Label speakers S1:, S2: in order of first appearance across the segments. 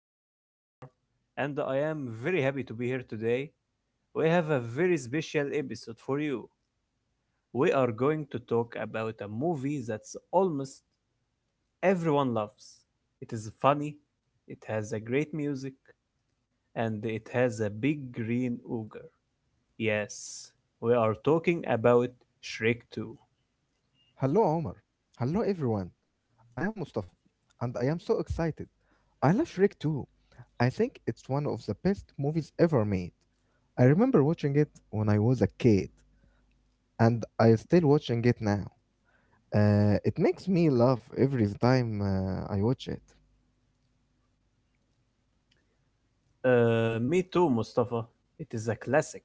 S1: My name is Omar, and I am very happy to be here today. We have a very special episode for you. We are going to talk about a movie that's almost everyone loves. It is funny, it has a great music, and it has a big green ogre. Yes, we are talking about Shrek 2.
S2: Hello, Omar. Hello, everyone. I am Mustafa, and I am so excited. I love Shrek too. I think it's one of the best movies ever made. I remember watching it when I was a kid, and I still watching it now. It makes me laugh every time I watch it.
S1: Me too, Mustafa. It is a classic.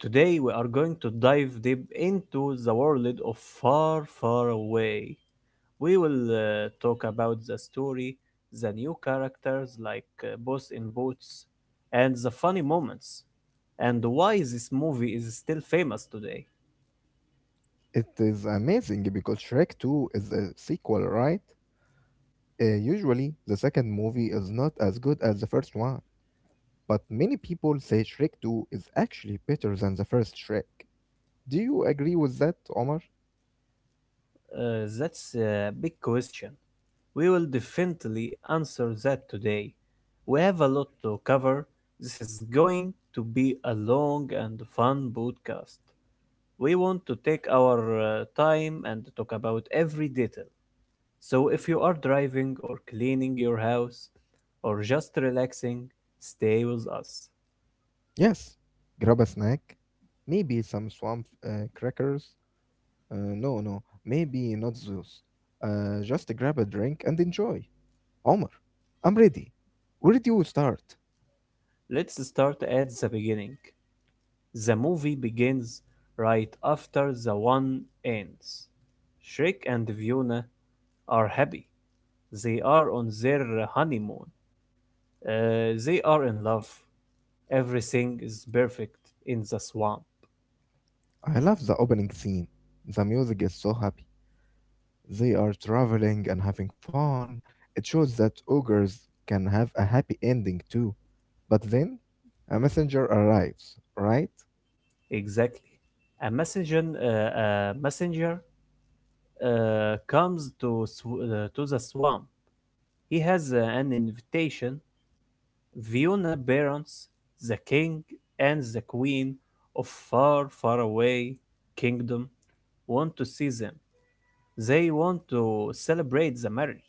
S1: Today we are going to dive deep into the world of Far, Far Away. We will talk about the story, the new characters like Boss in Boots, and the funny moments, and why this movie is still famous today.
S2: It is amazing because Shrek 2 is a sequel, right? Usually, the second movie is not as good as the first one, but many people say Shrek 2 is actually better than the first Shrek. Do you agree with that, Omar?
S1: That's a big question. We will definitely answer that today. We have a lot to cover. This is going to be a long and fun podcast. We want to take our time and talk about every detail. So if you are driving or cleaning your house or just relaxing, stay with us.
S2: Yes. Grab a snack. Maybe some swamp crackers. No, no. Maybe not those. Just grab a drink and enjoy. Omar, I'm ready. Where do you start?
S1: Let's start at the beginning. The movie begins right after the one ends. Shrek and Fiona are happy. They are on their honeymoon. They are in love. Everything is perfect in the swamp.
S2: I love the opening scene. The music is so happy. They are traveling and having fun. It shows that ogres can have a happy ending too. But then, a messenger arrives, right?
S1: Exactly. A messenger, uh, a messenger comes to to the swamp. He has an invitation. Fiona Barons, the king and the queen of far, far away kingdom, want to see them. They want to celebrate the marriage.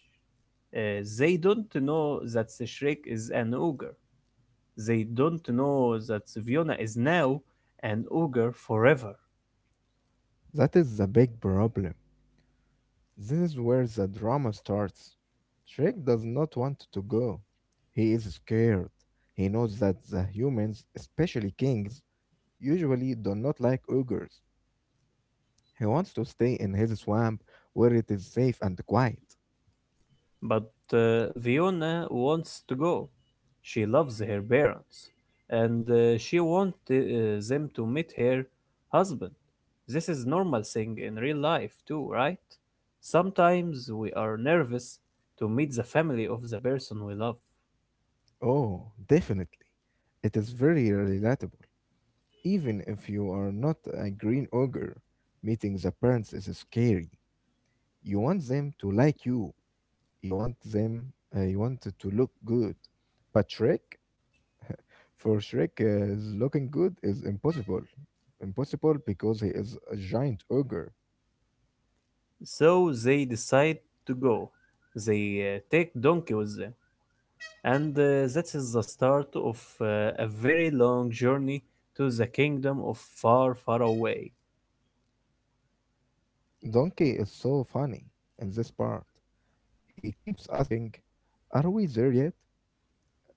S1: They don't know that Shrek is an ogre. They don't know that Fiona is now an ogre forever.
S2: That is the big problem. This is where the drama starts. Shrek does not want to go. He is scared. He knows that the humans, especially kings, usually do not like ogres. He wants to stay in his swamp where it is safe and quiet.
S1: But Fiona wants to go. She loves her parents. And she wants them to meet her husband. This is normal thing in real life too, right? Sometimes we are nervous to meet the family of the person we love.
S2: Oh, definitely. It is very relatable. Even if you are not a green ogre, meeting the parents is scary. You want them to like you. You want them. You want it to look good, but for Shrek, is looking good is impossible. Impossible because he is a giant ogre.
S1: So they decide to go. They take Donkey with them, and that is the start of a very long journey to the kingdom of far, far away.
S2: Donkey is so funny in this part. He keeps asking, "Are we there yet?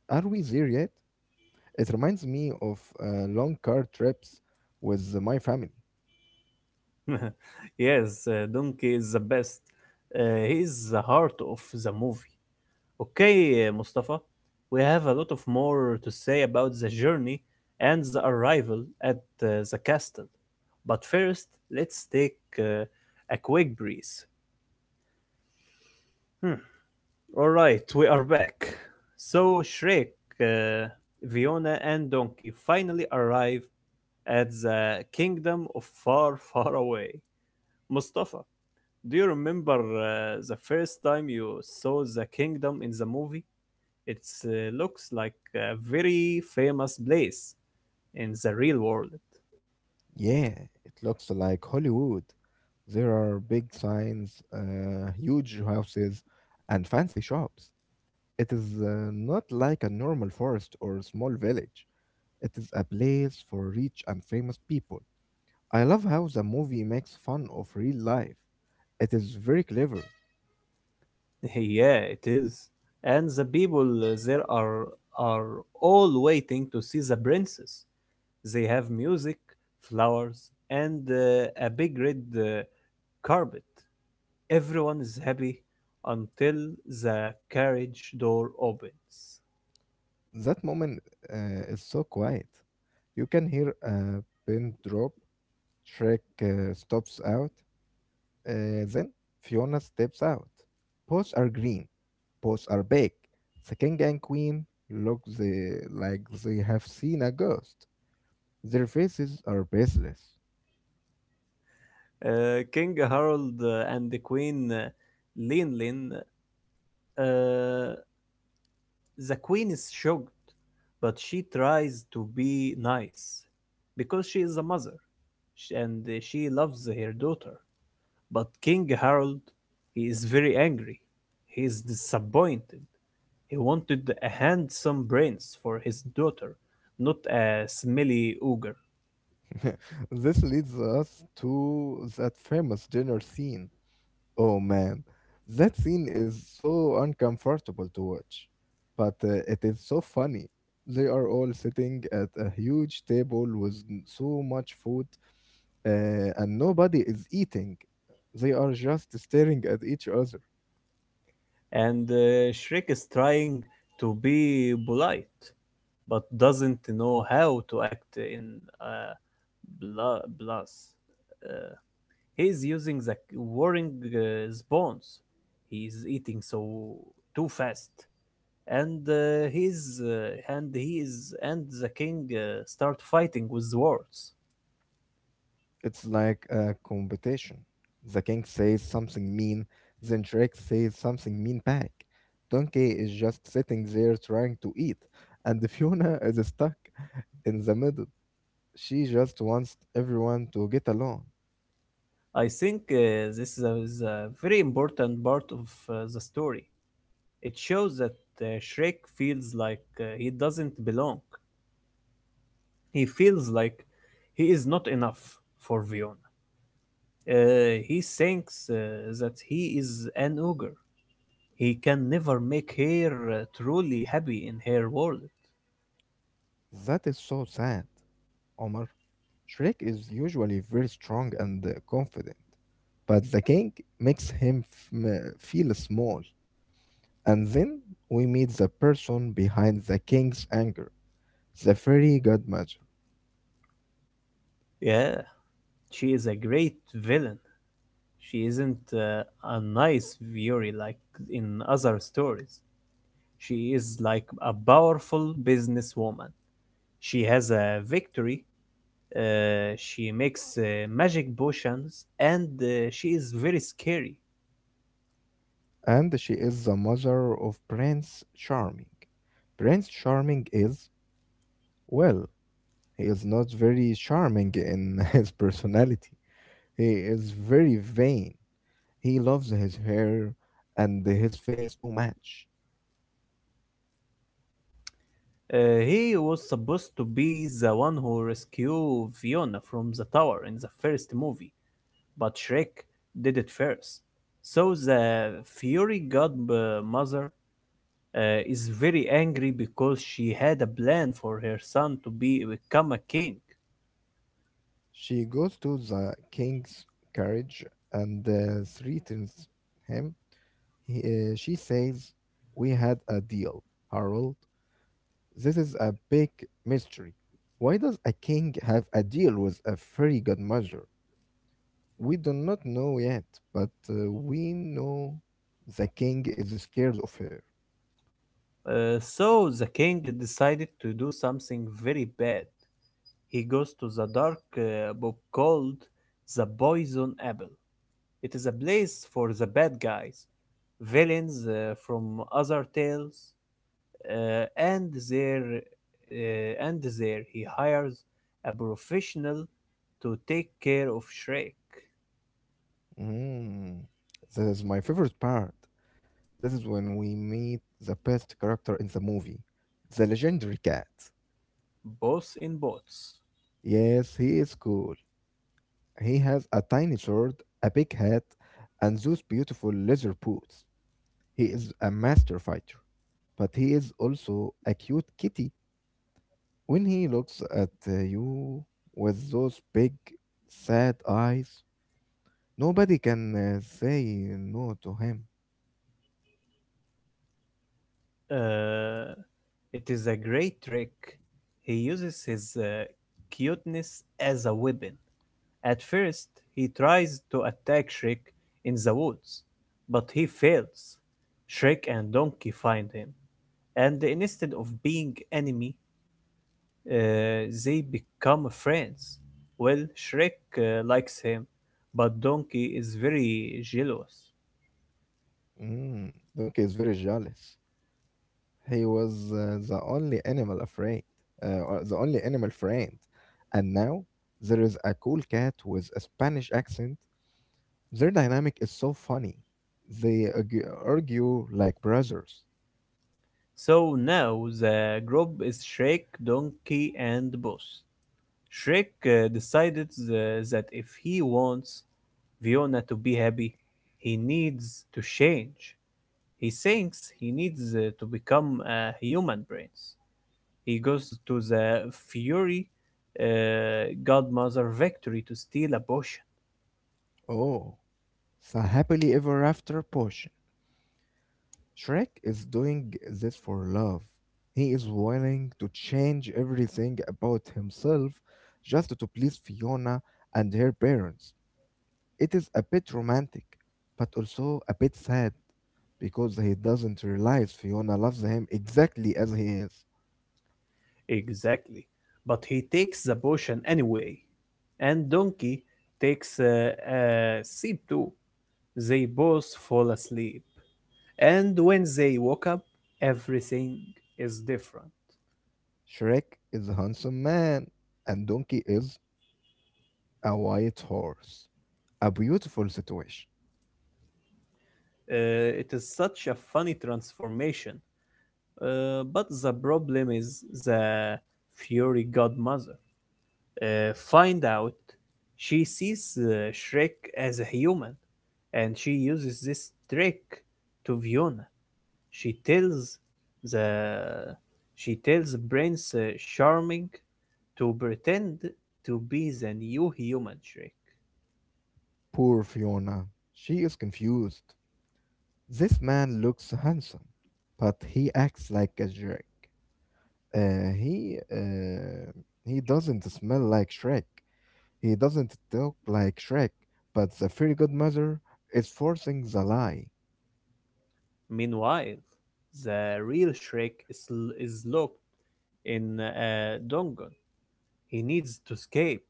S2: Are we there yet?" It reminds me of long car trips with my family.
S1: Yes, Donkey is the best. He is the heart of the movie. Okay, Mustafa, we have a lot of more to say about the journey and the arrival at the castle. But first, let's take a quick breeze. Hmm. All right, we are back. So Shrek, uh, Fiona, and Donkey finally arrive at the kingdom of far, far away. Mustafa, do you remember the first time you saw the kingdom in the movie? It looks like a very famous place in the real world.
S2: Yeah, it looks like Hollywood. There are big signs, huge houses, and fancy shops. It is not like a normal forest or small village. It is a place for rich and famous people. I love how the movie makes fun of real life. It is very clever.
S1: Yeah, it is. And the people there are all waiting to see the princess. They have music, flowers, and a big red carpet. Everyone is happy until the carriage door opens.
S2: That moment is so quiet. You can hear a pin drop. Shrek stops out. Then Fiona steps out. Both are green. Both are big. The king and queen look like they have seen a ghost. Their faces are baseless.
S1: King Harold and the Queen Linlin. Uh, the Queen is shocked, but she tries to be nice because she is a mother and she loves her daughter. But King Harold, he is very angry. He is disappointed. He wanted a handsome prince for his daughter, not a smelly ogre.
S2: This leads us to that famous dinner scene. Oh man, that scene is so uncomfortable to watch, but it is so funny. They are all sitting at a huge table with so much food, and nobody is eating. They are just staring at each other.
S1: And Shrek is trying to be polite, but doesn't know how to act in a blast. Uh, he is using the warring spawns. He is eating so too fast, and he's and he is and the king start fighting with swords.
S2: It's like a competition. The king says something mean, then Shrek says something mean back. Donkey is just sitting there trying to eat, and Fiona is stuck in the middle. She just wants everyone to get along.
S1: I think this is a very important part of the story. It shows that Shrek feels like he doesn't belong. He feels like he is not enough for Fiona. He thinks that he is an ogre, he can never make her truly happy in her world.
S2: That is so sad, Omar. Shrek is usually very strong and confident, but the king makes him feel small. And then we meet the person behind the king's anger, the fairy godmother.
S1: Yeah, she is a great villain. She isn't a nice fury like in other stories. She is like a powerful businesswoman. She has a victory. She makes magic potions and she is very scary.
S2: And she is the mother of Prince Charming. Prince Charming is, well, he is not very charming in his personality. He is very vain. He loves his hair and his face too much.
S1: He was supposed to be the one who rescued Fiona from the tower in the first movie, but Shrek did it first. So the Fury Godmother uh, is very angry because she had a plan for her son to be become a king.
S2: She goes to the king's carriage and threatens him. He, she says, "We had a deal, Harold." This is a big mystery. Why does a king have a deal with a fairy godmother? We do not know yet, but we know the king is scared of her.
S1: So the king decided to do something very bad. He goes to the dark book called The Poison Apple. It is a place for the bad guys, villains from other tales, uh, and there and there he hires a professional to take care of Shrek,
S2: Mm. This is my favorite part. This is when we meet the best character in the movie, the legendary cat.
S1: both in boats.
S2: Yes, he is cool. He has a tiny sword, a big hat, and those beautiful leather boots. He is a master fighter, but he is also a cute kitty when he looks at you with those big, sad eyes. Nobody can say no to him.
S1: Uh, it is a great trick. He uses his cuteness as a weapon. At first, he tries to attack Shrek in the woods, but he fails. Shrek and Donkey find him, and instead of being enemy, they become friends. Well, Shrek likes him, but Donkey is very jealous.
S2: Mm, Donkey is very jealous. He was the only animal afraid, or the only animal friend. And now there is a cool cat with a Spanish accent. Their dynamic is so funny. They argue like brothers.
S1: So now the group is Shrek, Donkey, and Boss. Shrek decided that if he wants Fiona to be happy, he needs to change. He thinks he needs to become a human brains. He goes to the Fury Godmother Victory to steal a potion.
S2: Oh, the happily ever after potion. Shrek is doing this for love. He is willing to change everything about himself just to please Fiona and her parents. It is a bit romantic, but also a bit sad because he doesn't realize Fiona loves him exactly as he is.
S1: Exactly. But he takes the potion anyway. And Donkey takes a sip too. They both fall asleep. And when they woke up, everything is different.
S2: Shrek is a handsome man, and Donkey is a white horse. A beautiful situation.
S1: Uh, it is such a funny transformation. But the problem is the fairy godmother. Find out she sees Shrek as a human, and she uses this trick to Fiona. She tells the she tells Prince Charming to pretend to be the new human Shrek.
S2: Poor Fiona. She is confused. This man looks handsome, but he acts like a jerk. He he doesn't smell like Shrek. He doesn't talk like Shrek. But the fairy godmother is forcing the lie.
S1: Meanwhile, the real Shrek is locked in a dungeon. He needs to escape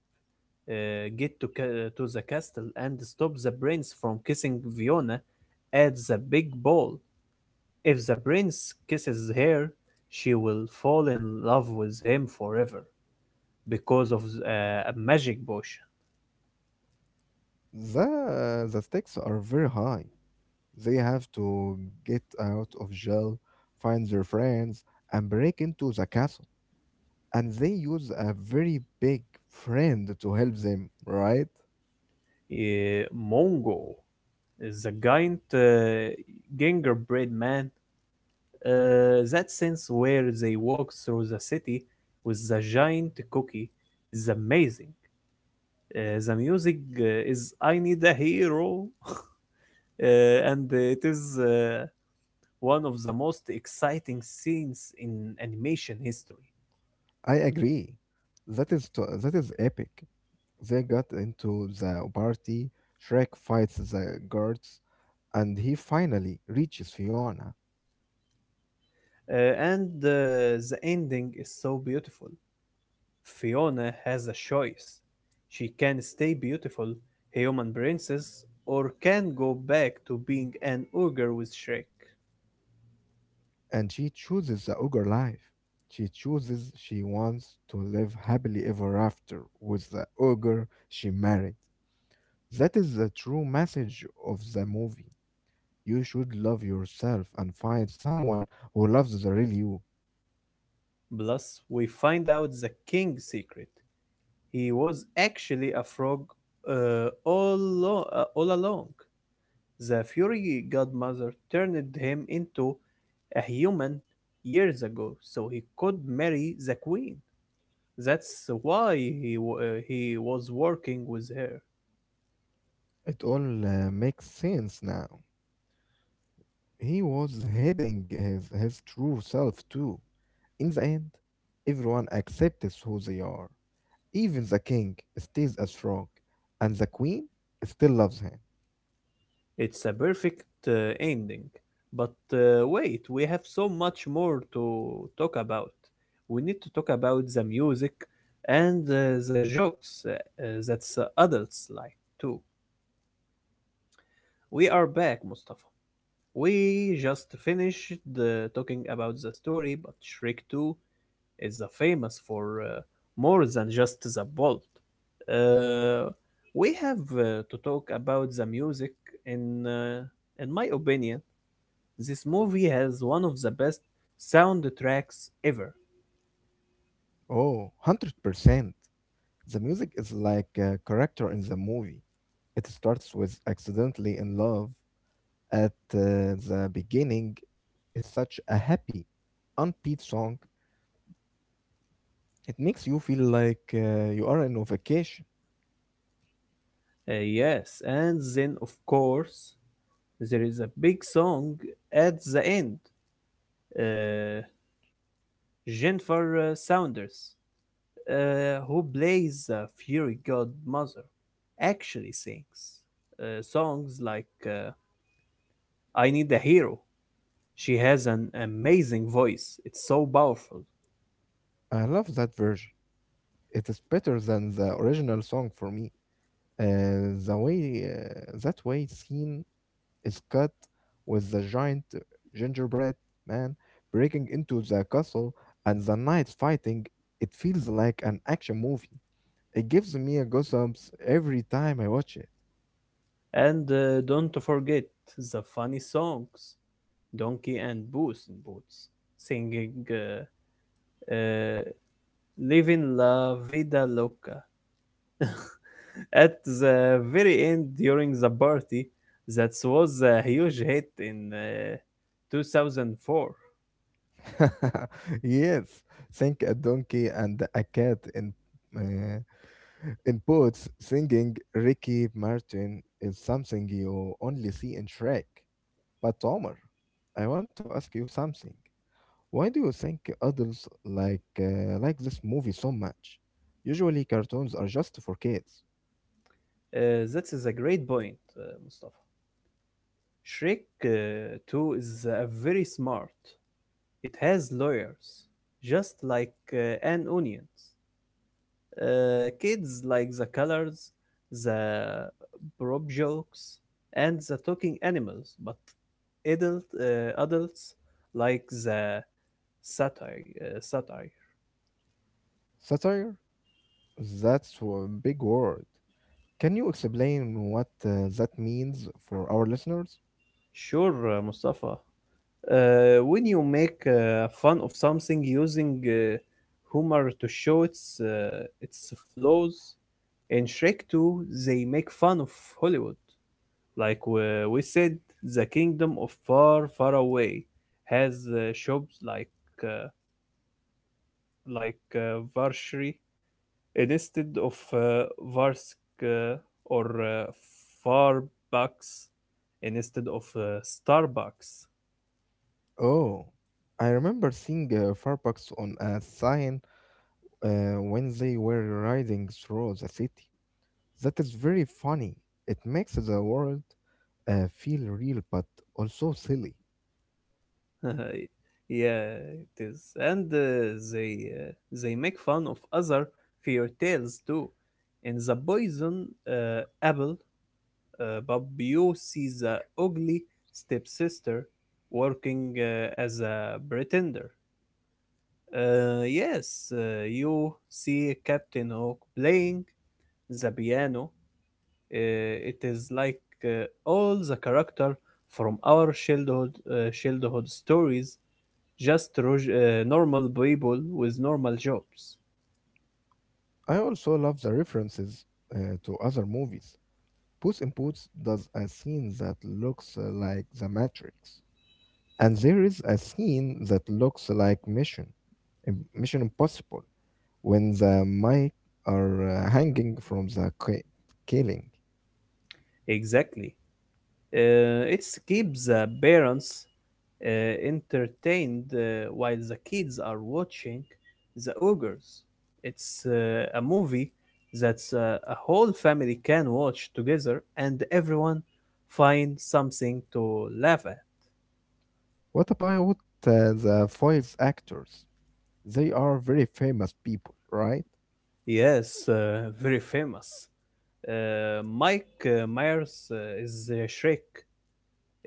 S1: get to, to the castle and stop the prince from kissing Fiona at the big ball. If the prince kisses her, she will fall in love with him forever because of a magic potion.
S2: The stakes are very high. They have to get out of jail, find their friends, and break into the castle. And they use a very big friend to help them. Right?
S1: Mongo is a giant gingerbread man. That sense where they walk through the city with the giant cookie is amazing. The music is I Need a Hero uh, and it is one of the most exciting scenes in animation history.
S2: I agree. That is epic. They got into the party. Shrek fights the guards, and he finally reaches Fiona,
S1: Uh, and the ending is so beautiful. Fiona has a choice. She can stay beautiful, a human princess, or can go back to being an ogre with Shrek.
S2: and she chooses the ogre life. She chooses she wants to live happily ever after with the ogre she married. That is the true message of the movie. You should love yourself and find someone who loves the real you.
S1: Plus, we find out the king's secret. He was actually a frog all along. The fairy godmother turned him into a human years ago so he could marry the queen. That's why he was working with her.
S2: It all makes sense now. He was hiding his true self too. In the end, everyone accepts who they are. Even the king stays as frog, and the queen still loves him.
S1: It's a perfect ending. But wait, we have so much more to talk about. We need to talk about the music and the jokes that the adults like too. We are back, Mustafa. We just finished talking about the story, but Shrek 2 is famous for more than just the plot. Uh, we have to talk about the music. In uh, in my opinion, this movie has one of the best soundtracks ever.
S2: Oh, 100%. The music is like a character in the movie. It starts with accidentally in love. At the beginning, it's such a happy, unbeat song. It makes you feel like you are on a vacation.
S1: Yes, and then of course there is a big song at the end. Uh, Jennifer Saunders, who plays the fairy godmother, actually sings songs like I Need a Hero. She has an amazing voice, it's so powerful.
S2: I love that version. It is better than the original song for me. The way that way scene is cut with the giant gingerbread man breaking into the castle and the knights fighting. It feels like an action movie. It gives me a goosebumps every time I watch it.
S1: And don't forget the funny songs Donkey and Boots in Boots singing uh, Living La Vida Loca. At the very end during the party, that was a huge hit in 2004.
S2: Yes, think a donkey and a cat uh, in boots singing Ricky Martin is something you only see in Shrek. But Omar, I want to ask you something. Why do you think adults like this movie so much? Usually cartoons are just for kids.
S1: Uh, that is a great point, Mustafa. Shrek 2 is very smart. It has lawyers, just like an onions. Kids like the colors, the prop jokes, and the talking animals, but adults like the satire. Satire.
S2: Satire? That's a big word. Can you explain what that means for our listeners?
S1: Sure, Mustafa. When you make fun of something using humor to show its flaws, in Shrek 2 they make fun of Hollywood. Like we said, the kingdom of far, far away has shops like uh, Varshri instead of Varsk uh, or Farbucks instead of Starbucks.
S2: Oh, I remember seeing Farbucks on a sign when they were riding through the city. That is very funny. It makes the world feel real but also silly.
S1: Yeah, it is. And they make fun of other fairy tales too. In the poison apple, but Beau sees the ugly stepsister working as a pretender. Yes, you see Captain Hook playing the piano. It is like all the character from our childhood, childhood stories, just normal people with normal jobs.
S2: I also love the references to other movies. Puss in Boots does a scene that looks like The Matrix, and there is a scene that looks like Mission Impossible when the mic are hanging from the ceiling.
S1: Exactly. It keeps the parents uh, entertained while the kids are watching The Ogres. It's a movie that a whole family can watch together and everyone find something to laugh at.
S2: What about the voice actors? They are very famous people, right?
S1: Yes, very famous. Mike Myers is Shrek.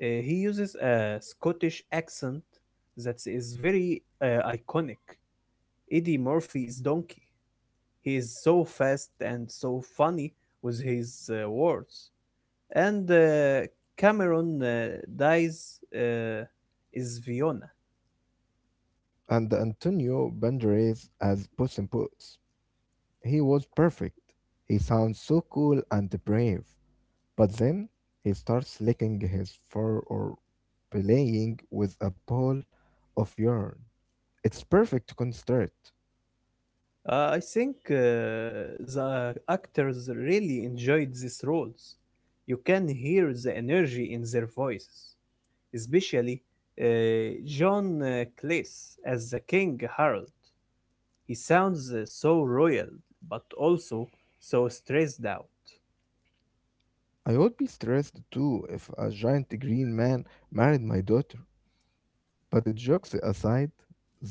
S1: He uses a Scottish accent that is very iconic. Eddie Murphy is Donkey. He is so fast and so funny with his words. And Cameron dies is Fiona.
S2: And Antonio Banderas as Puss in Boots. He was perfect. He sounds so cool and brave. But then he starts licking his fur or playing with a ball of yarn. It's perfect to concentrate.
S1: I think the actors really enjoyed these roles. You can hear the energy in their voices, especially uh, John Cleese as the King Harold. He sounds so royal, but also so stressed out.
S2: I would be stressed too if a giant green man married my daughter. But the jokes aside,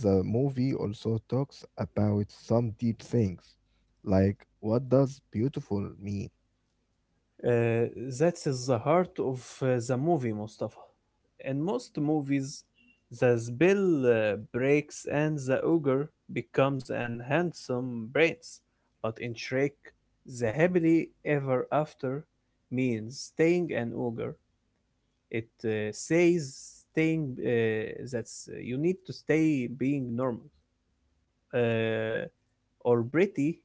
S2: the movie also talks about some deep things, like what does beautiful mean?
S1: Uh, that is the heart of the movie, Mustafa. In most movies, the spell breaks and the ogre becomes an handsome prince. But in Shrek, the happily ever after means staying an ogre. It says staying that's you need to stay being normal. uh, or pretty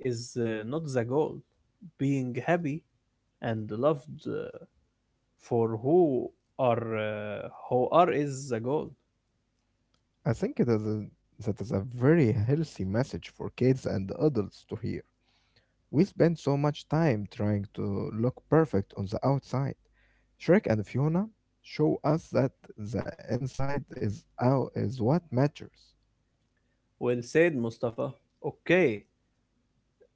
S1: is not the goal. Being happy and loved for who are is the goal.
S2: I think that is a very healthy message for kids and adults to hear. We spend so much time trying to look perfect on the outside. Shrek and Fiona show us that the inside is out is what matters.
S1: Well said, Mustafa. Okay,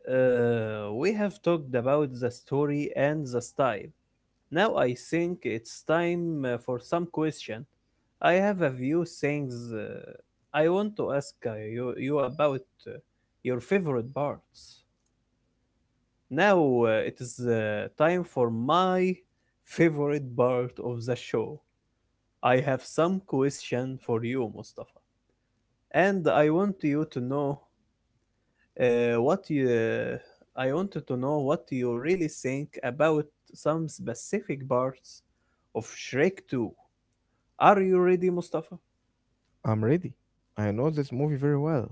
S1: we have talked about the story and the style. Now I think it's time for some question. I have a few things I want to ask you about uh, your favorite parts. Now it is time for my favorite part of the show. I have some question for you, Mustafa, and I want you to know what you. I wanted to know what you really think about some specific parts of Shrek 2. Are you ready, Mustafa?
S2: I'm ready. I know this movie very well.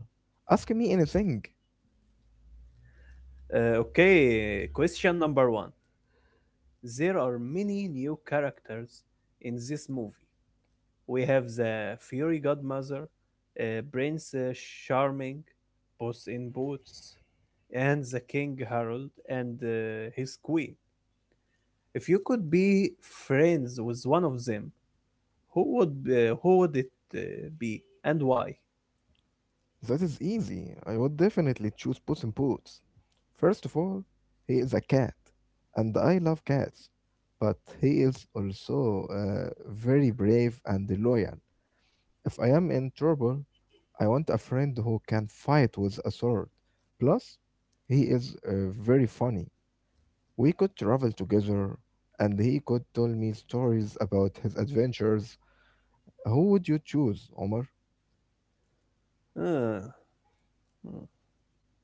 S2: Ask me anything.
S1: Okay, question number one. There are many new characters in this movie. We have the Fury godmother, Princess Charming, Puss in Boots, and the King Harold and his queen. If you could be friends with one of them, who would it uh, be and why?
S2: That is easy. I would definitely choose Puss in Boots. First of all, he is a cat, and I love cats. But he is also very brave and loyal. If I am in trouble, I want a friend who can fight with a sword. Plus, he is very funny. We could travel together and he could tell me stories about his adventures. Who would you choose, Omar?
S1: Uh, hmm,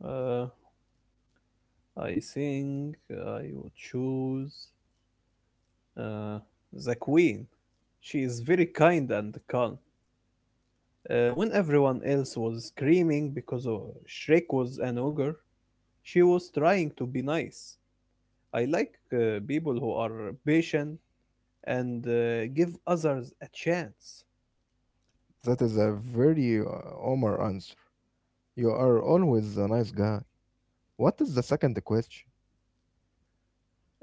S1: uh, I think I would choose uh, the queen. She is very kind and calm. When everyone else was screaming because of Shrek was an ogre, she was trying to be nice. I like people who are patient and give others a chance.
S2: That is a very Omar answer. You are always a nice guy. What is the second question?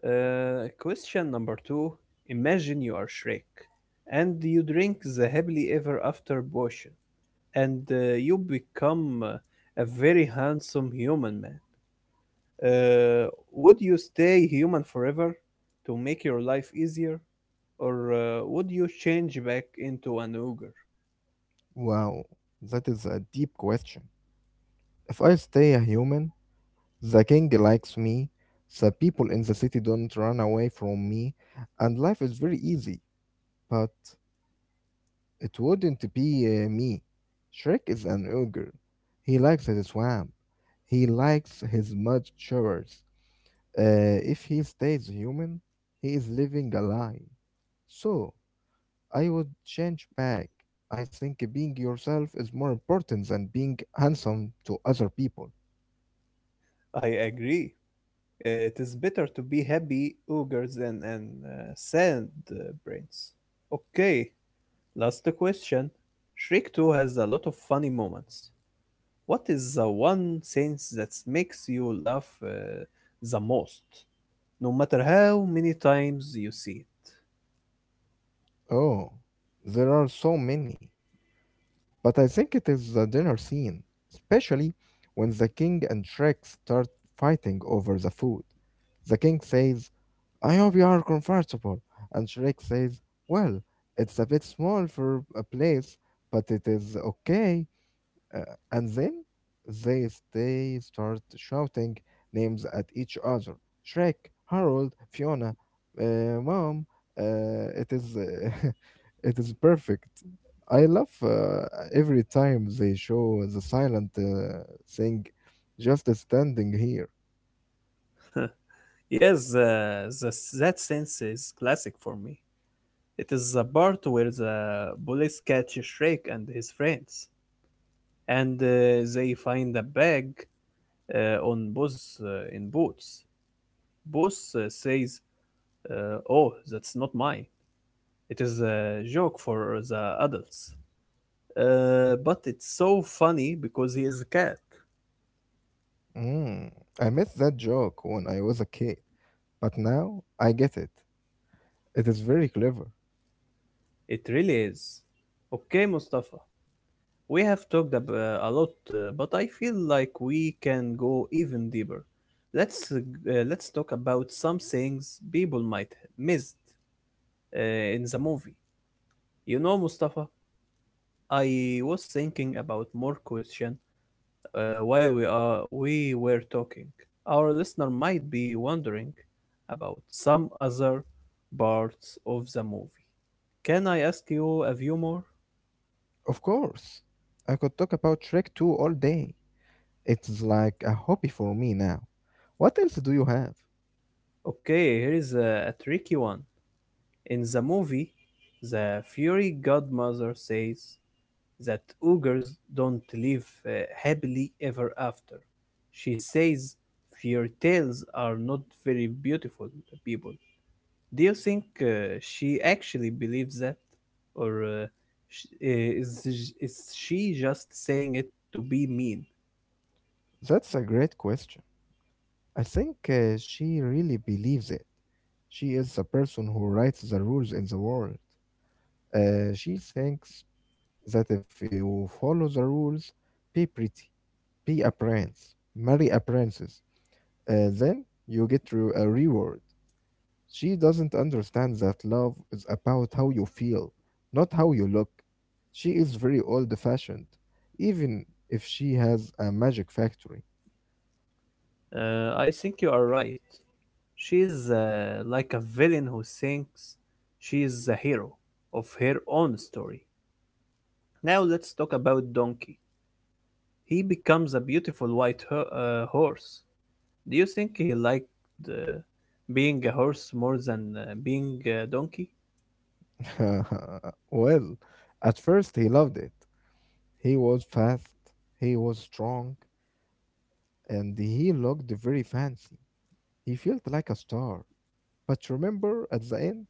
S1: Question number two. Imagine you are Shrek and you drink the happily ever after potion and you become a very handsome human man. Uh, would you stay human forever to make your life easier, or would you change back into an ogre?
S2: Wow, that is a deep question. If I stay a human, the king likes me, the people in the city don't run away from me, and life is very easy. But it wouldn't be me. Shrek is an ogre. He likes his swamp. He likes his mud showers. If he stays human, he is living a lie. So I would change back. I think being yourself is more important than being handsome to other people.
S1: I agree. It is better to be happy ogre than an sad uh, brains. Okay, last question. Shrek 2 has a lot of funny moments. What is the one scene that makes you laugh the most, no matter how many times you see.
S2: Oh, there are so many. But I think it is the dinner scene, especially when the king and Shrek start fighting over the food. The king says, "I hope you are comfortable." And Shrek says, "Well, it's a bit small for a place, but it is okay." Uh, and then they start shouting names at each other: Shrek, Harold, Fiona, Mom. It is it is perfect. I love every time they show the silent thing just standing here.
S1: Yes, that sense is classic for me. It is the part where the police catch Shrek and his friends, and they find a bag on Buzz in Boots. Buzz says, "Oh, that's not mine. It is a joke for the adults." But it's so funny because he is a cat.
S2: Mm, I missed that joke when I was a kid, but now I get it. It is very clever.
S1: It really is. Okay, Mustafa. We have a lot, but I feel like we can go even deeper. Let's talk about some things people might miss in the movie. You know, Mustafa, I was thinking about more question while we were talking. Our listener might be wondering about some other parts of the movie. Can I ask you a few more?
S2: Of course, I could talk about Shrek 2 all day. It's like a hobby for me now. What else do you have?
S1: Okay, here is a tricky one. In the movie, the fairy godmother says that ogres don't live happily ever after. She says fairy tales are not very beautiful people. Do you think she actually believes that, or is she just saying it to be mean?
S2: That's a great question. I think she really believes it. She is the person who writes the rules in the world. She thinks that if you follow the rules, be pretty, be a prince, marry a princess, then you get a reward. She doesn't understand that love is about how you feel, not how you look. She is very old fashioned, even if she has a magic factory.
S1: I think you are right. She's like a villain who thinks she is the hero of her own story. Now let's talk about Donkey. He becomes a beautiful white horse. Do you think he liked uh, being a horse more than being a donkey?
S2: well, at first he loved it. He was fast, he was strong, and he looked very fancy. He felt like a star. But remember, at the end,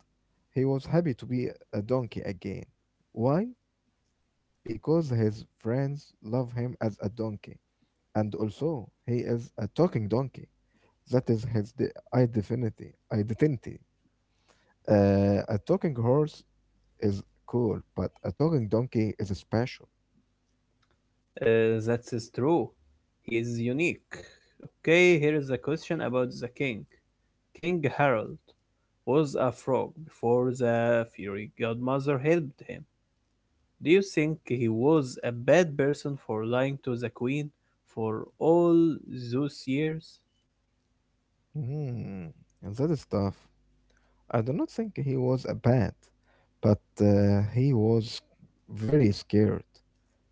S2: he was happy to be a donkey again. Why? Because his friends love him as a donkey. And also, he is a talking donkey. That is his identity. Identity. A talking horse is cool, but a talking donkey is special.
S1: That is true. He is unique. Okay, here is a question about the king. King Harold was a frog before the fairy godmother helped him. Do you think he was a bad person for lying to the queen for all those years?
S2: Hmm, and that is tough. I do not think he was a bad, but he was very scared.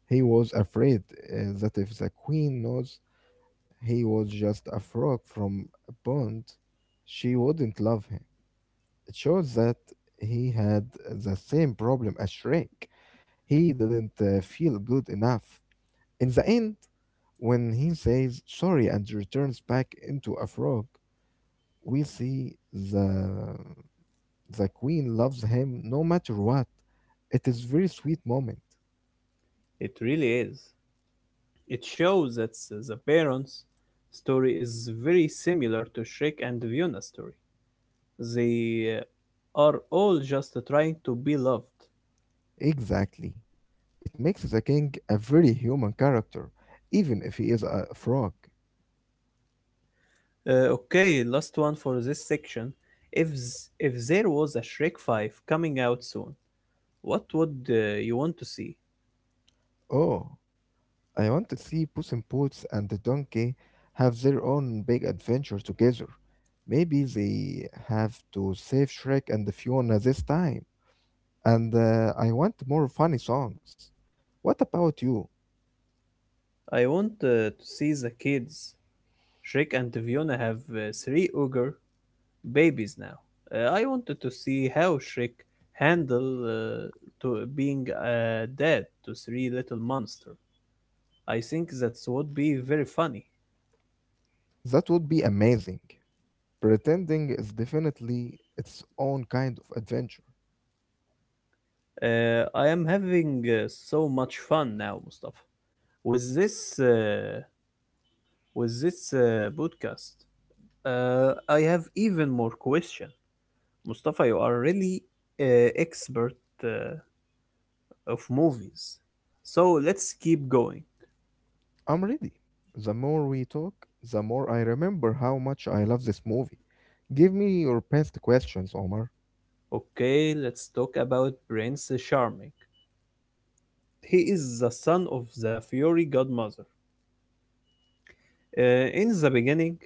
S2: He was afraid that if the queen knows he was just a frog from a pond, she wouldn't love him. It shows that he had the same problem as Shrek. He didn't feel good enough. In the end, when he says sorry and returns back into a frog, we see the queen loves him no matter what. It is very sweet moment.
S1: It really is. It shows that the Baron's story is very similar to Shrek and Viona's story. They are all just trying to be loved.
S2: Exactly. It makes the king a very human character, even if he is a frog.
S1: Okay, last one for this section. If there was a Shrek 5 coming out soon, what would you want to see?
S2: Oh, I want to see Puss in Boots and the donkey have their own big adventure together. Maybe they have to save Shrek and Fiona this time. And I want more funny songs. What about you?
S1: I want to see the kids. Shrek and Fiona have three ogre babies now. I wanted to see how Shrek handled to being a dad to three little monsters. I think that would be very funny.
S2: That would be amazing. Pretending is definitely its own kind of adventure.
S1: I am having so much fun now, Mustafa. With this, uh, with this podcast, I have even more question. Mustafa, you are really expert uh, of movies. So let's keep going.
S2: I'm ready. The more we talk, the more I remember how much I love this movie. Give me your best questions, Omar.
S1: Okay, let's talk about Prince Charming. He is the son of the Fairy Godmother. In the beginning,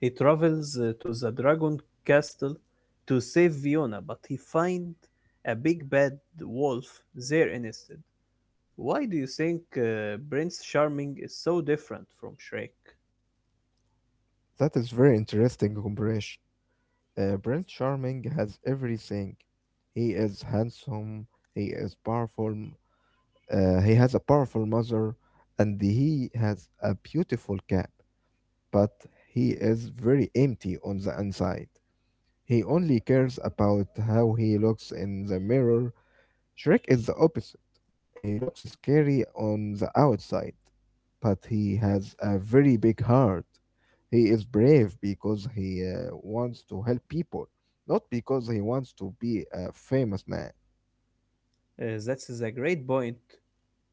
S1: he travels to the dragon castle to save Fiona, but he finds a big bad wolf there instead. Why do you think Prince Charming is so different from Shrek?
S2: That is very interesting comparison. Prince Charming has everything. He is handsome, he is powerful, he has a powerful mother, and he has a beautiful cap, but he is very empty on the inside. He only cares about how he looks in the mirror. Shrek is the opposite. He looks scary on the outside, but he has a very big heart. He is brave because he wants to help people, not because he wants to be a famous man.
S1: That's a great point.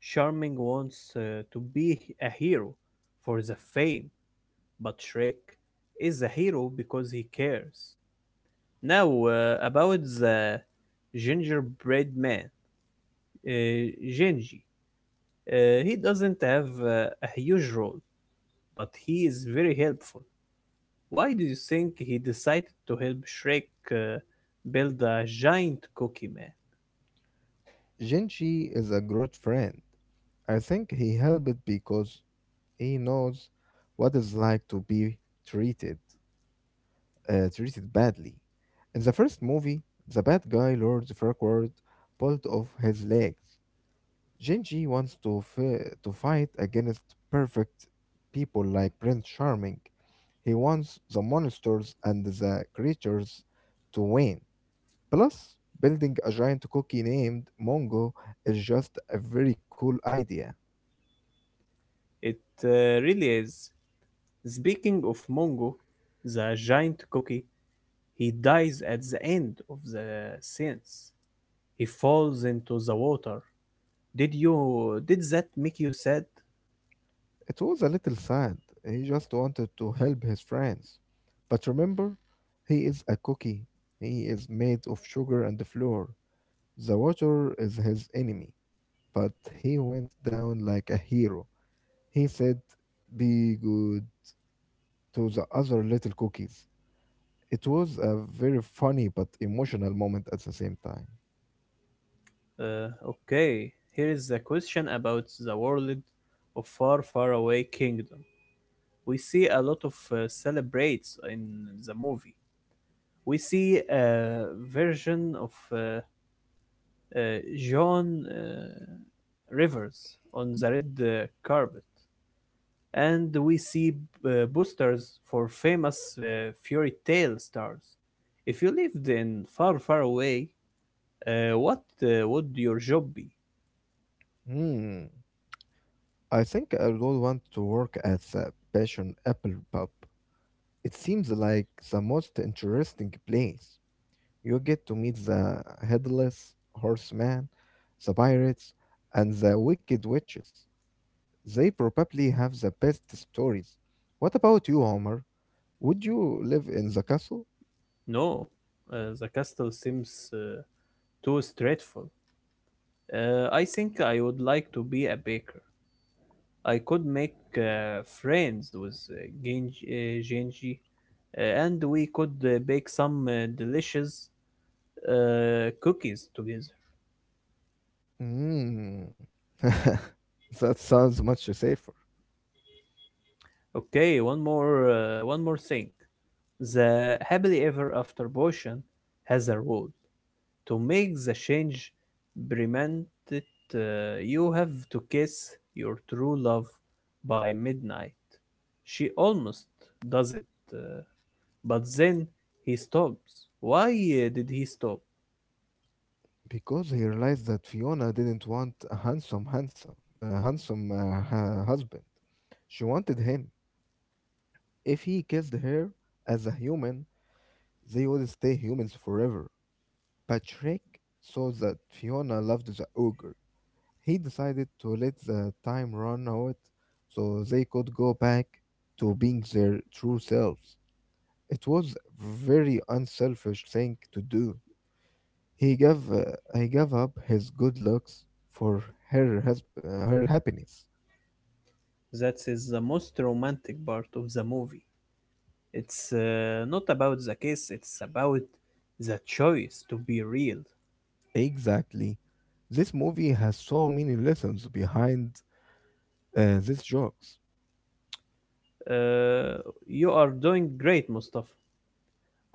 S1: Charming wants to be a hero for the fame, but Shrek is a hero because he cares. Now, about the gingerbread man, uh, Genji. He doesn't have a huge role, but he is very helpful. Why do you think he decided to help Shrek uh, build a giant cookie man?
S2: Jinchi is a great friend. I think he helped because he knows what it's like to be treated treated badly. In the first movie, the bad guy Lord Farquaad pulled off his legs. Genji wants to, to fight against perfect people like Prince Charming. He wants the monsters and the creatures to win. Plus, building a giant cookie named Mongo is just a very cool idea.
S1: It really is. Speaking of Mongo, the giant cookie, he dies at the end of the scenes. He falls into the water. Did that make you sad?
S2: It was a little sad. He just wanted to help his friends. But remember, he is a cookie. He is made of sugar and flour. The water is his enemy. But he went down like a hero. He said, be good to the other little cookies. It was a very funny but emotional moment at the same time.
S1: Okay, here is a question about the world of Far Far Away Kingdom. We see a lot of celebrates in the movie. We see a version of uh, John Rivers on the red carpet, and we see boosters for famous fairy tale stars. If you lived in Far Far Away, what would your job be?
S2: Hmm. I think I would want to work at the Passion Apple Pub. It seems like the most interesting place. You get to meet the headless horseman, the pirates, and the wicked witches. They probably have the best stories. What about you, Homer? Would you live in the castle?
S1: No, the castle seems uh, too stressful. I think I would like to be a baker. I could make friends with Genji and we could bake some delicious cookies together.
S2: Mm. That sounds much safer.
S1: Okay, one more thing. The happily ever after potion has a rule. To make the change permanent, uh, you have to kiss your true love by midnight. She almost does it, uh, but then he stops. Why did he stop?
S2: Because he realized that Fiona didn't want a handsome husband. She wanted him. If he kissed her as a human, they would stay humans forever. Patrick saw that Fiona loved the ogre. He decided to let the time run out so they could go back to being their true selves. It was a very unselfish thing to do. He gave up his good looks for her her happiness.
S1: That is the most romantic part of the movie. It's not about the kiss, it's about the choice to be real.
S2: Exactly. This movie has so many lessons behind these jokes.
S1: Uh, you are doing great, Mustafa.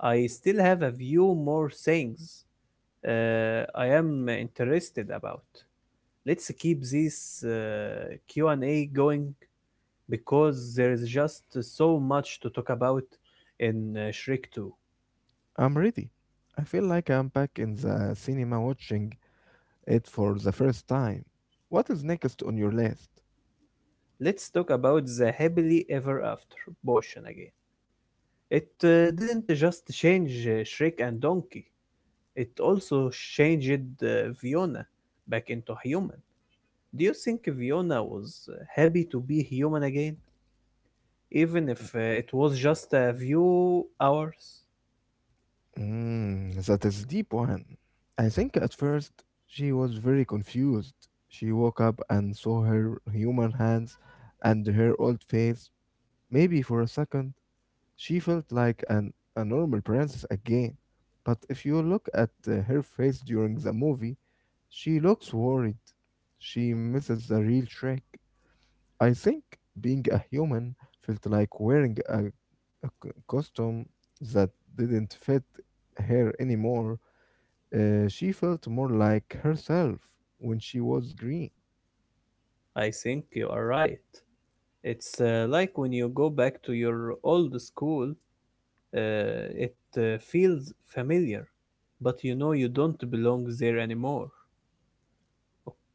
S1: I still have a few more things I am interested about. Let's keep this Q&A going because there is just so much to talk about in Shrek 2.
S2: I'm ready. I feel like I'm back in the cinema watching it for the first time. What is next on your list?
S1: Let's talk about the happily ever after portion again. It didn't just change Shrek and Donkey. It also changed Fiona back into human. Do you think Fiona was happy to be human again, even if it was just a few hours?
S2: Mm, that is deep one. I think at first she was very confused. She woke up and saw her human hands and her old face. Maybe for a second, she felt like a normal princess again. But if you look at her face during the movie, she looks worried. She misses the real trick. I think being a human felt like wearing a costume that didn't fit her anymore. She felt more like herself when she was green.
S1: I think you are right. It's like when you go back to your old school, uh, it feels familiar, but you know you don't belong there anymore.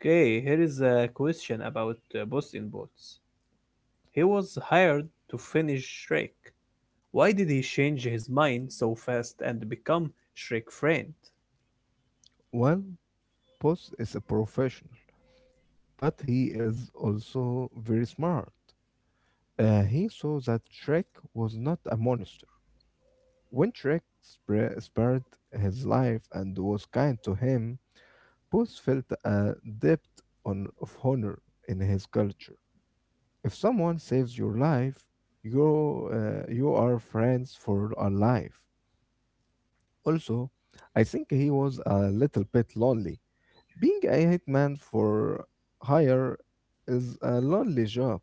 S1: Okay, here is a question about Boston Bots. He was hired to finish Shrek. Why did he change his mind so fast and become Shrek friend?
S2: Well, Puss is a professional, but he is also very smart. He saw that Shrek was not a monster. When Shrek spared his life and was kind to him, Booth felt a debt of honor in his culture. If someone saves your life, you are friends for a life. Also, I think he was a little bit lonely. Being a hitman for hire is a lonely job.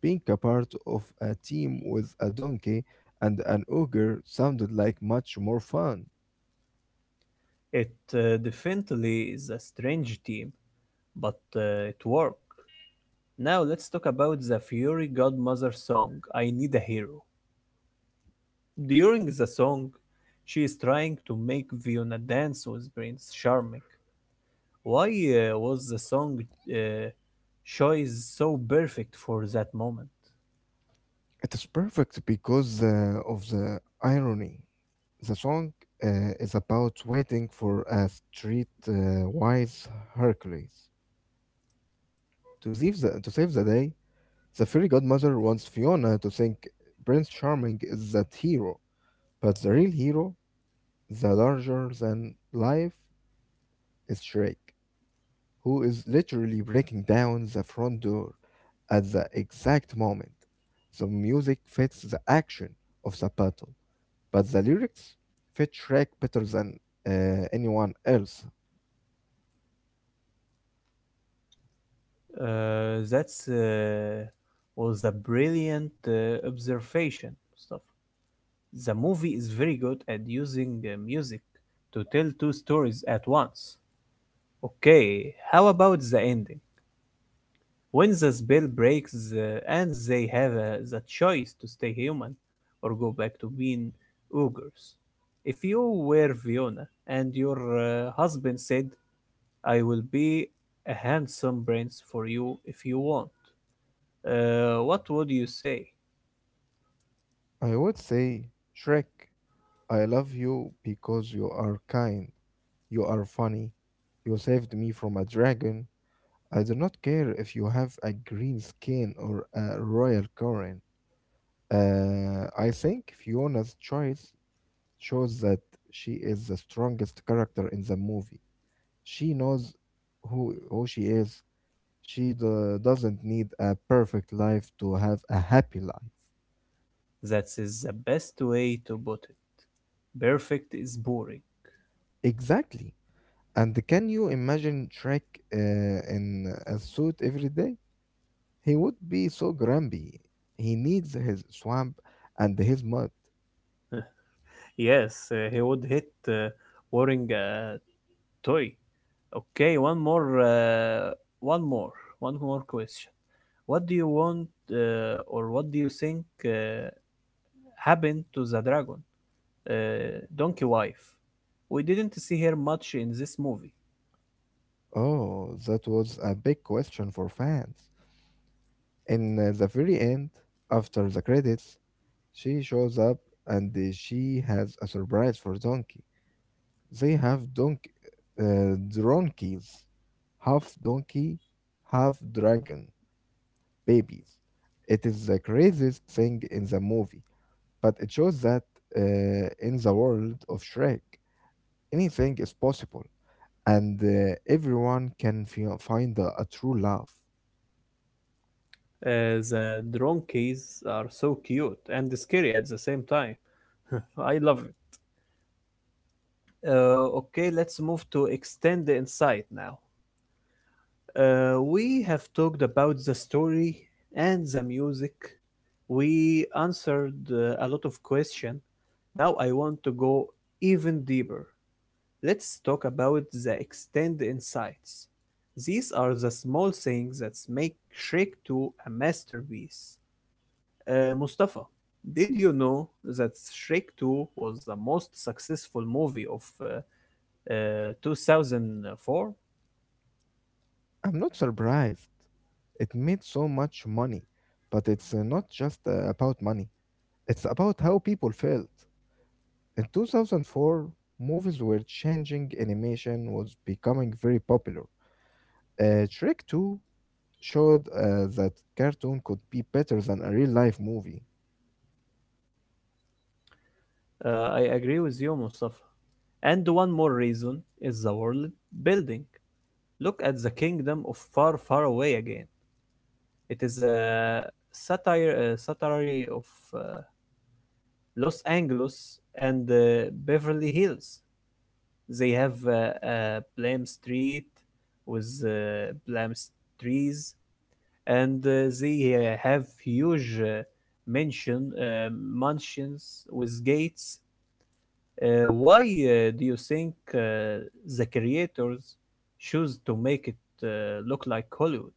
S2: Being a part of a team with a donkey and an ogre sounded like much more fun.
S1: It definitely is a strange team, but it worked. Now let's talk about the fairy godmother song I Need a Hero. During the song, she is trying to make Fiona dance with Prince Charming. Why was the song uh, choice so perfect for that moment?
S2: It is perfect because of the irony. The song uh, is about waiting for a street-wise Hercules. To save the day, the fairy godmother wants Fiona to think Prince Charming is that hero, but the real hero, the larger-than-life, is Shrek, who is literally breaking down the front door at the exact moment. The music fits the action of the battle, but the lyrics fit Shrek better than anyone else.
S1: That was a brilliant observation, Mustafa. The movie is very good at using music to tell two stories at once. Okay, how about the ending? When the spell breaks the, and they have the choice to stay human or go back to being ogres. If you were Fiona and your husband said, I will be a handsome prince for you if you want, what would you say?
S2: I would say, Shrek, I love you because you are kind, you are funny, you saved me from a dragon. I do not care if you have a green skin or a royal crown. I think Fiona's choice shows that she is the strongest character in the movie. She knows who she is. She doesn't need a perfect life to have a happy life.
S1: That is the best way to put it. Perfect is boring.
S2: Exactly. And can you imagine Shrek uh, in a suit every day? He would be so grumpy. He needs his swamp and his mud.
S1: Yes, he would hit wearing a toy. Okay, one more, one more question. What do you want, or what do you think happened to the dragon, uh, Donkey Wife? We didn't see her much in this movie.
S2: Oh, that was a big question for fans. In the very end, after the credits, she shows up and she has a surprise for Donkey. They have dronkies, half donkey, half dragon babies. It is the craziest thing in the movie, but it shows that in the world of Shrek, anything is possible, and everyone can find a true love.
S1: The donkeys are so cute and scary at the same time. I love it. Okay, let's move to extend the insight now. We have talked about the story and the music. We answered a lot of questions. Now I want to go even deeper. Let's talk about the extended insights. These are the small things that make Shrek 2 a masterpiece. Mustafa, did you know that Shrek 2 was the most successful movie of 2004?
S2: I'm not surprised. It made so much money, but it's not just about money. It's about how people felt. In 2004, movies were changing, animation was becoming very popular. Shrek 2 showed that cartoon could be better than a real life movie.
S1: Uh, I agree with you, Mustafa. And one more reason is the world building. Look at the kingdom of Far, Far Away again. It is a satire of uh, Los Angeles and Beverly Hills. They have a Blam Street with Blam trees, and they have huge mansion uh, mansions with gates. Why do you think the creators choose to make it uh, look like Hollywood?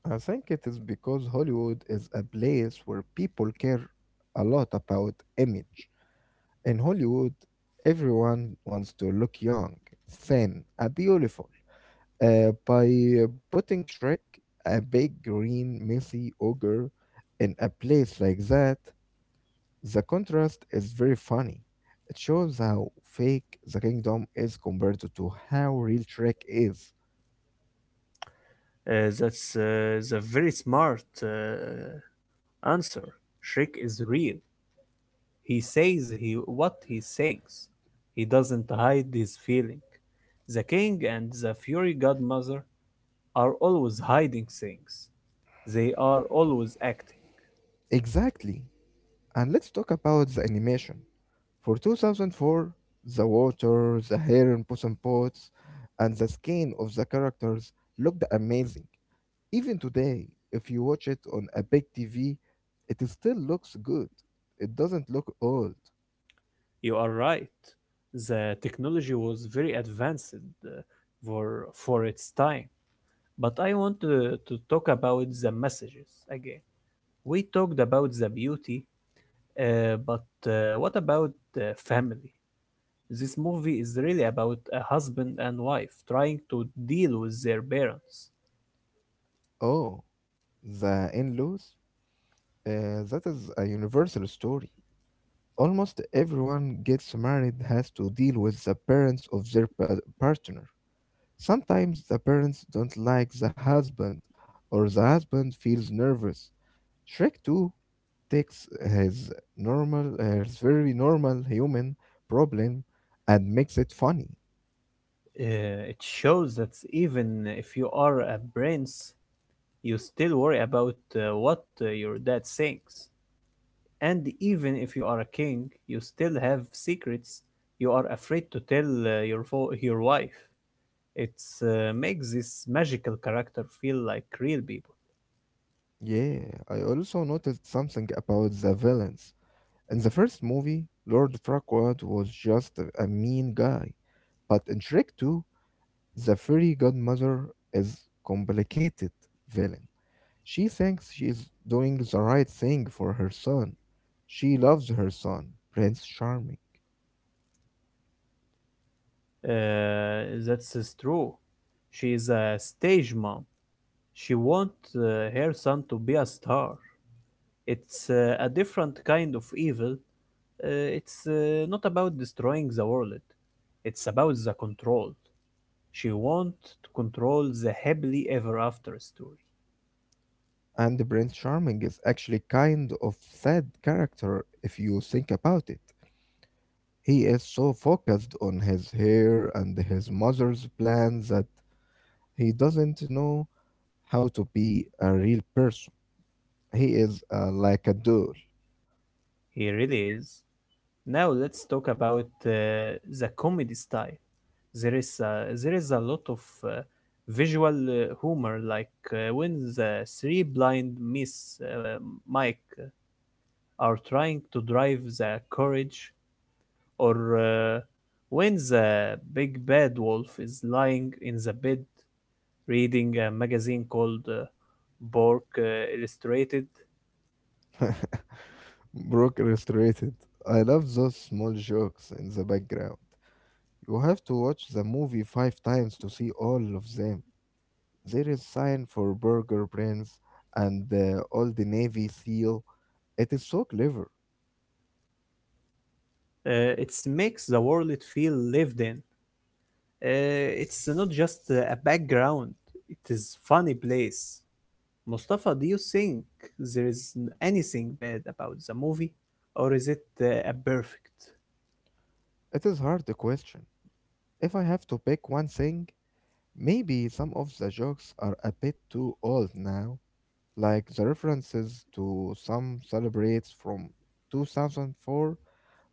S2: I think it is because Hollywood is a place where people care a lot about image. In Hollywood, everyone wants to look young, thin, beautiful. By putting Shrek, a big green messy ogre, in a place like that, the contrast is very funny. It shows how fake the kingdom is compared to how real Trek is.
S1: That's the very smart. Answer: Shrek is real. He says he what he thinks. He doesn't hide his feeling. The king and the fairy godmother are always hiding things. They are always acting.
S2: Exactly. And let's talk about the animation. For 2004, the water, the hair in Puss in Boots, and the skin of the characters looked amazing. Even today, if you watch it on a big TV, it still looks good. It doesn't look old.
S1: You are right. The technology was very advanced uh, for its time. But I want to talk about the messages again. We talked about the beauty, but what about family? This movie is really about a husband and wife trying to deal with their parents.
S2: Oh, the in-laws? That is a universal story. Almost everyone gets married has to deal with the parents of their partner. Sometimes the parents don't like the husband, or the husband feels nervous. Shrek 2 takes his very normal human problem and makes it funny.
S1: It shows that even if you are a prince, you still worry about what your dad thinks. And even if you are a king, you still have secrets you are afraid to tell your wife. It makes this magical character feel like real people.
S2: Yeah, I also noticed something about the villains. In the first movie, Lord Farquaad was just a mean guy, but in Shrek 2, the fairy godmother is complicated villain. She thinks she is doing the right thing for her son. She loves her son, Prince Charming.
S1: That's is true. She is a stage mom. She wants her son to be a star. It's a different kind of evil. It's not about destroying the world. It's about the control. She wants to control the happily ever after story.
S2: And Prince Charming is actually kind of sad character if you think about it. He is so focused on his hair and his mother's plans that he doesn't know how to be a real person. He is like a doll.
S1: He really is. Now let's talk about the comedy style. There is a lot of uh, visual humor, like when the three blind miss Mike are trying to drive the carriage, or when the big bad wolf is lying in the bed reading a magazine called Bork Illustrated.
S2: Broke Illustrated. I love those small jokes in the background. You have to watch the movie five times to see all of them. There is sign for Burger Prince and all the Navy SEAL. It is so clever.
S1: It makes the world feel lived in. It's not just a background, it is funny place. Mustafa, do you think there is anything bad about the movie, or is it a perfect?
S2: It is hard to question. If I have to pick one thing, maybe some of the jokes are a bit too old now, like the references to some celebrates from 2004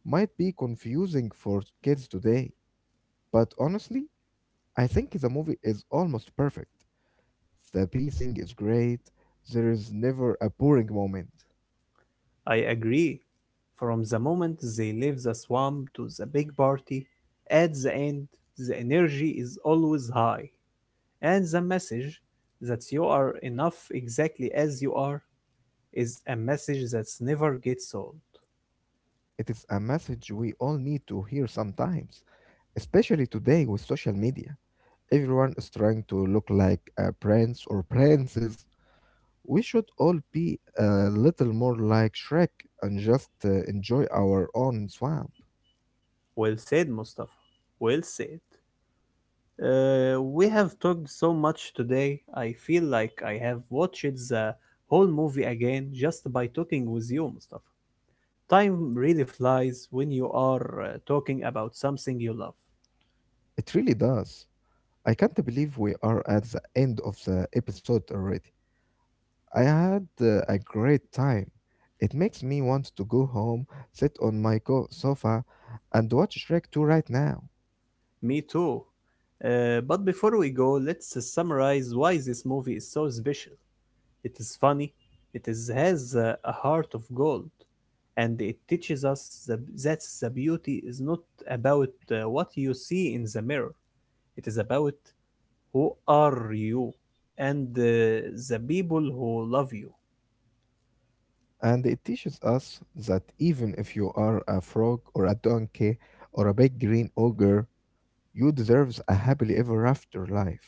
S2: might be confusing for kids today. But honestly, I think the movie is almost perfect. The pacing is great. There is never a boring moment.
S1: I agree. From the moment they leave the swamp to the big party, at the end, the energy is always high, and the message that you are enough exactly as you are is a message that never gets old.
S2: It is a message we all need to hear sometimes, especially today with social media. Everyone is trying to look like a prince or princess. We should all be a little more like Shrek and just enjoy our own swamp.
S1: Well said, Mustafa. Well said. We have talked so much today. I feel like I have watched the whole movie again just by talking with you, Mustafa. Time really flies when you are talking about something you love.
S2: It really does. I can't believe we are at the end of the episode already. I had a great time. It makes me want to go home, sit on my sofa, and watch Shrek 2 right now.
S1: Me too. But before we go, let's summarize why this movie is so special. It is funny, has a heart of gold, and it teaches us that the beauty is not about what you see in the mirror, it is about who are you and the people who love you.
S2: And it teaches us that even if you are a frog or a donkey or a big green ogre, you deserve a happily ever after life.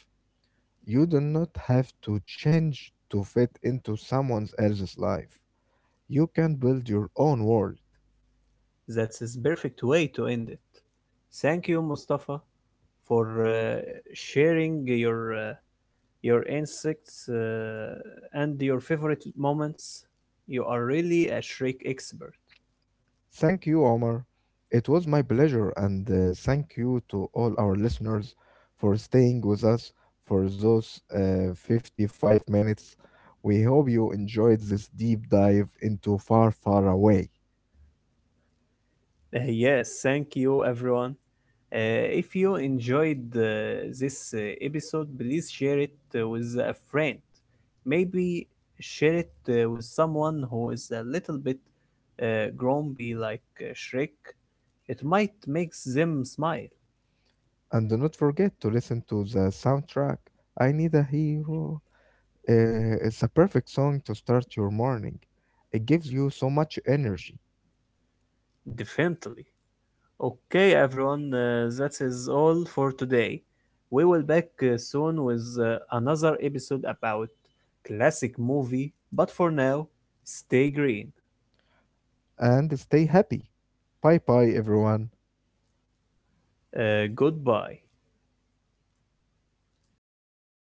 S2: You do not have to change to fit into someone else's life. You can build your own world.
S1: That's is perfect way to end it. Thank you, Mustafa, for sharing your insects, and your favorite moments. You are really a Shrek expert.
S2: Thank you, Omar. It was my pleasure, and thank you to all our listeners for staying with us for those 55 minutes. We hope you enjoyed this deep dive into Far, Far Away.
S1: Yes, thank you, everyone. If you enjoyed this episode, please share it with a friend. Maybe share it with someone who is a little bit grumpy like Shrek. It might make them smile,
S2: And do not forget to listen to the soundtrack, I Need a Hero. It's a perfect song to start your morning. It gives you so much energy.
S1: definitely. Okay, everyone, that is all for today. We will back soon with another episode about classic movie, but for now, stay green.
S2: And stay happy. Bye bye, everyone.
S1: Goodbye.